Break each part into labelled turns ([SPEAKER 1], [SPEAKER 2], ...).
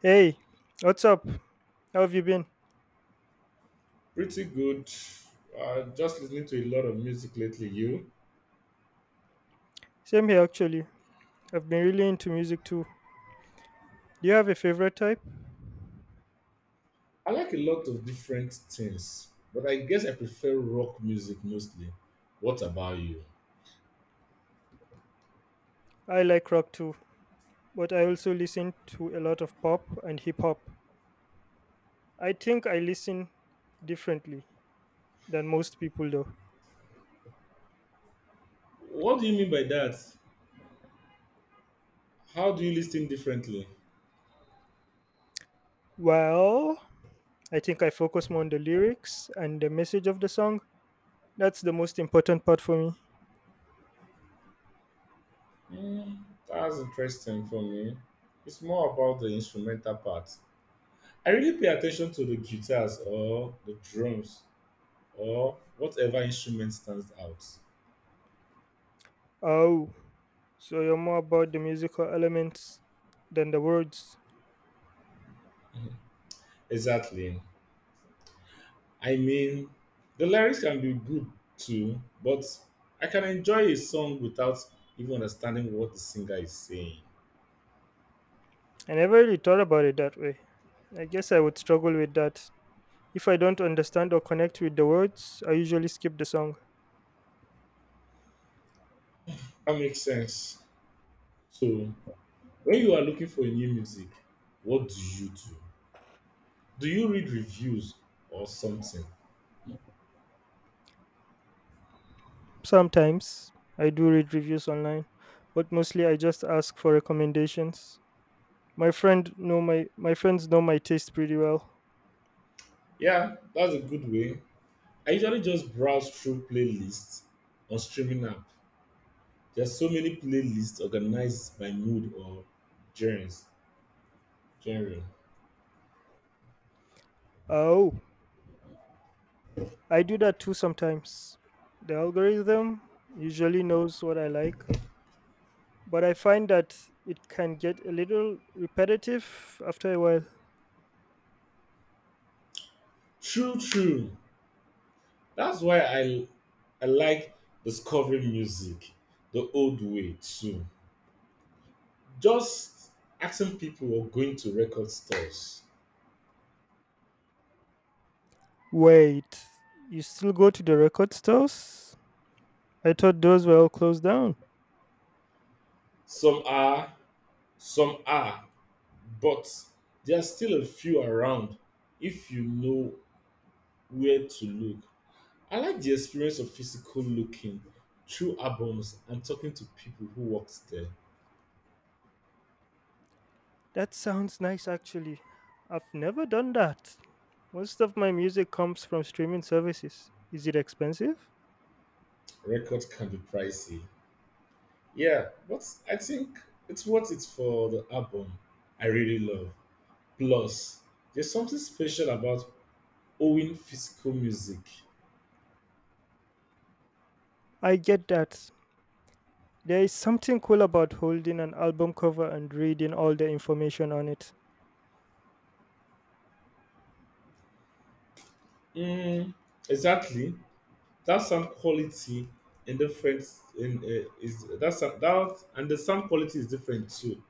[SPEAKER 1] Hey, what's up? How have you been?
[SPEAKER 2] Pretty good. Just listening to a lot of music lately. You?
[SPEAKER 1] Same here actually. I've been really into music too. Do you have a favorite type?
[SPEAKER 2] I like a lot of different things, but I guess I prefer rock music mostly. What about you?
[SPEAKER 1] I like rock too, but I also listen to a lot of pop and hip hop. I think I listen differently than most people though.
[SPEAKER 2] What do you mean by that? How do you listen differently?
[SPEAKER 1] Well, I think I focus more on the lyrics and the message of the song. That's the most important part for me.
[SPEAKER 2] Mm, that's interesting for me. It's more about the instrumental part. I really pay attention to the guitars or the drums or whatever instrument stands out.
[SPEAKER 1] Oh, so you're more about the musical elements than the words.
[SPEAKER 2] Exactly. I mean, the lyrics can be good too, but I can enjoy a song without even understanding what the singer is saying.
[SPEAKER 1] I never really thought about it that way. I guess I would struggle with that. If I don't understand or connect with the words, I usually skip the song.
[SPEAKER 2] That makes sense. So, when you are looking for new music, what do you do? Do you read reviews or something?
[SPEAKER 1] Sometimes I do read reviews online, but mostly I just ask for recommendations. My friends know my taste pretty well.
[SPEAKER 2] Yeah, that's a good way. I usually just browse through playlists on streaming app. There's so many playlists organized by mood or genres. Genre.
[SPEAKER 1] Oh, I do that too sometimes. The algorithm usually knows what I like, but I find that it can get a little repetitive after a while.
[SPEAKER 2] True, true. That's why I like discovering music the old way too. Just asking people or going to record stores.
[SPEAKER 1] Wait, you still go to the record stores? I thought those were all closed down.
[SPEAKER 2] Some are, some are, but there are still a few around if you know where to look. I like the experience of physical looking through albums and talking to people who works there.
[SPEAKER 1] That sounds nice actually. I've never done that. Most of my music comes from streaming services. Is it expensive?
[SPEAKER 2] Record can be pricey. Yeah, but I think it's worth it for the album I really love. Plus, there's something special about owning physical music.
[SPEAKER 1] I get that. There is something cool about holding an album cover and reading all the information on it.
[SPEAKER 2] Mm, exactly. That sound quality and different in, is that sound, that and the sound quality is different too.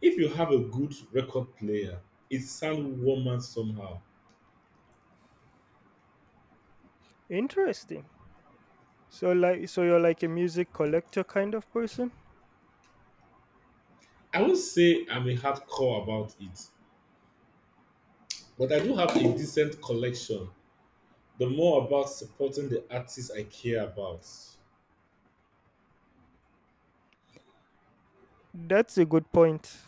[SPEAKER 2] If you have a good record player, it sounds warmer somehow.
[SPEAKER 1] Interesting. So you're like a music collector kind of person?
[SPEAKER 2] I won't say I'm a hardcore about it, but I do have a decent collection. The more about supporting the artists I care about.
[SPEAKER 1] That's a good point.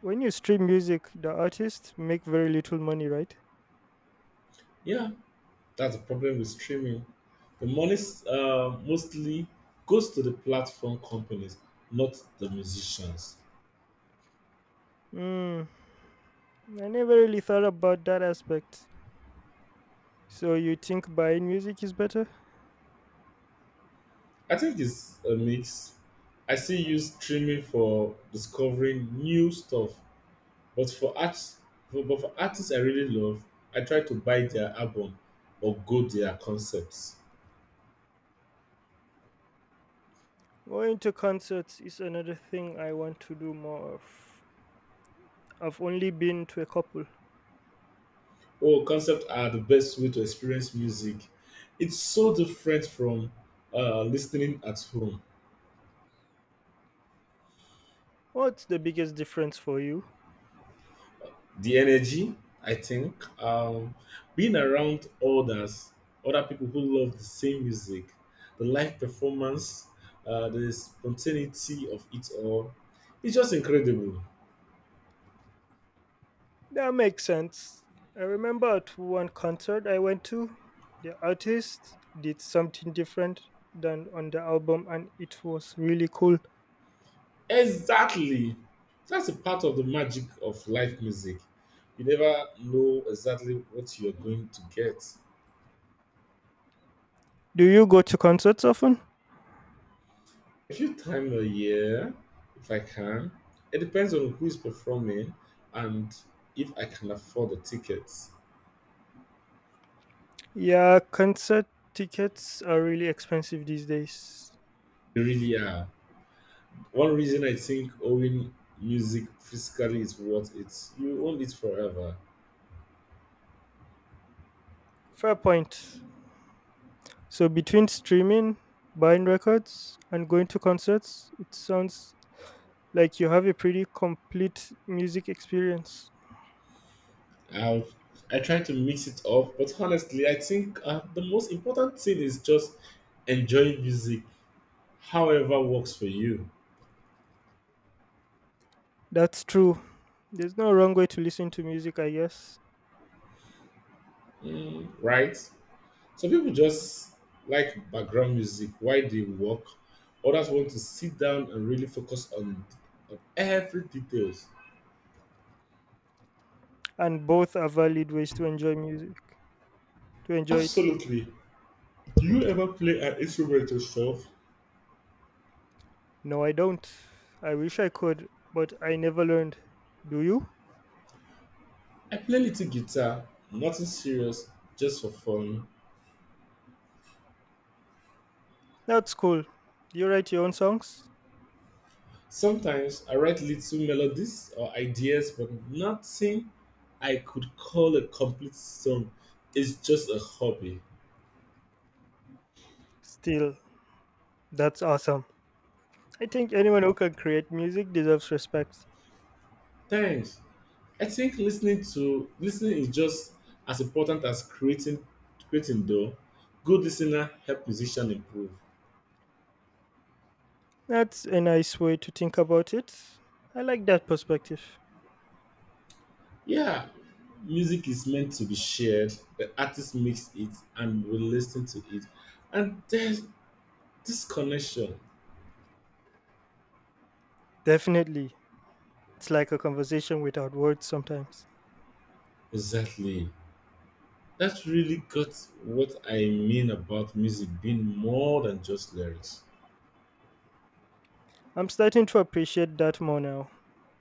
[SPEAKER 1] When you stream music, the artists make very little money, right?
[SPEAKER 2] Yeah, that's the problem with streaming. The money mostly goes to the platform companies, not the musicians.
[SPEAKER 1] Mm, I never really thought about that aspect. So you think buying music is better?
[SPEAKER 2] I think it's a mix. I still use streaming for discovering new stuff, but for artists I really love, I try to buy their album or go their concepts.
[SPEAKER 1] Going to concerts is another thing I want to do more of. I've only been to a couple.
[SPEAKER 2] Oh, concepts are the best way to experience music. It's so different from listening at home.
[SPEAKER 1] What's the biggest difference for you?
[SPEAKER 2] The energy, I think, um, being around others, other people who love the same music, the live performance, the spontaneity of it all, it's just incredible.
[SPEAKER 1] That makes sense. I remember at one concert I went to, the artist did something different than on the album, and it was really cool.
[SPEAKER 2] Exactly, that's a part of the magic of live music. You never know exactly what you're going to get.
[SPEAKER 1] Do you go to concerts often?
[SPEAKER 2] A few times a year if I can. It depends on who is performing and if I can afford the tickets.
[SPEAKER 1] Yeah, concert tickets are really expensive these days.
[SPEAKER 2] They really are. One reason I think owning music physically is worth it. You own it forever.
[SPEAKER 1] Fair point. So, between streaming, buying records, and going to concerts, it sounds like you have a pretty complete music experience.
[SPEAKER 2] I I try to mix it up, but honestly, I think the most important thing is just enjoying music, however works for you.
[SPEAKER 1] That's true. There's no wrong way to listen to music, I guess.
[SPEAKER 2] Mm, right? Some people just like background music while they work. Others want to sit down and really focus on every details.
[SPEAKER 1] And both are valid ways to enjoy it.
[SPEAKER 2] Absolutely. Do you ever play an instrument yourself?
[SPEAKER 1] No, I don't. I wish I could, but I never learned. Do you?
[SPEAKER 2] I play little guitar, nothing serious, just for fun.
[SPEAKER 1] That's cool. You write your own songs?
[SPEAKER 2] Sometimes I write little melodies or ideas, but nothing I could call a complete song. It's just a hobby.
[SPEAKER 1] Still, that's awesome. I think anyone who can create music deserves respect.
[SPEAKER 2] Thanks. I think listening is just as important as creating though. Good listener help musician improve.
[SPEAKER 1] That's a nice way to think about it. I like that perspective.
[SPEAKER 2] Yeah, music is meant to be shared. The artist makes it and we listen to it. And there's this connection.
[SPEAKER 1] Definitely. It's like a conversation without words sometimes.
[SPEAKER 2] Exactly. That's really got what I mean about music being more than just lyrics.
[SPEAKER 1] I'm starting to appreciate that more now.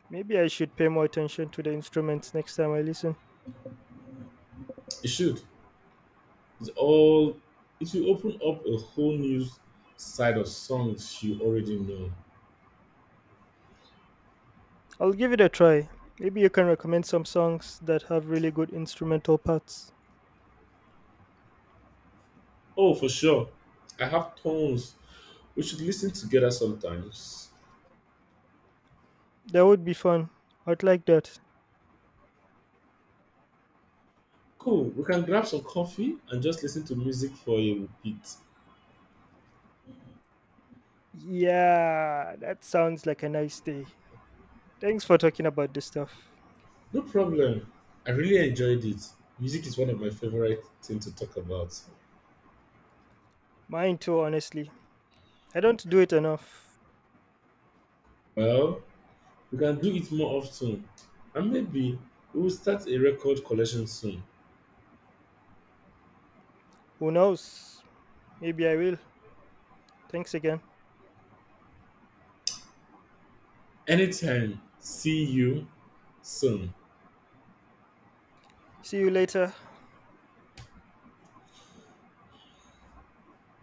[SPEAKER 1] Maybe I should pay more attention to the instruments next time I listen.
[SPEAKER 2] It should. It's all it will open up a whole new side of songs you already know.
[SPEAKER 1] I'll give it a try. Maybe you can recommend some songs that have really good instrumental parts.
[SPEAKER 2] Oh, for sure. I have tons. We should listen together sometimes.
[SPEAKER 1] That would be fun. I'd like that.
[SPEAKER 2] Cool. We can grab some coffee and just listen to music for a bit.
[SPEAKER 1] Yeah, that sounds like a nice day. Thanks for talking about this stuff.
[SPEAKER 2] No problem. I really enjoyed it. Music is one of my favorite things to talk about.
[SPEAKER 1] Mine too, honestly. I don't do it enough.
[SPEAKER 2] Well, we can do it more often. And maybe we'll start a record collection soon.
[SPEAKER 1] Who knows? Maybe I will. Thanks again.
[SPEAKER 2] Anytime. See you soon.
[SPEAKER 1] See you later.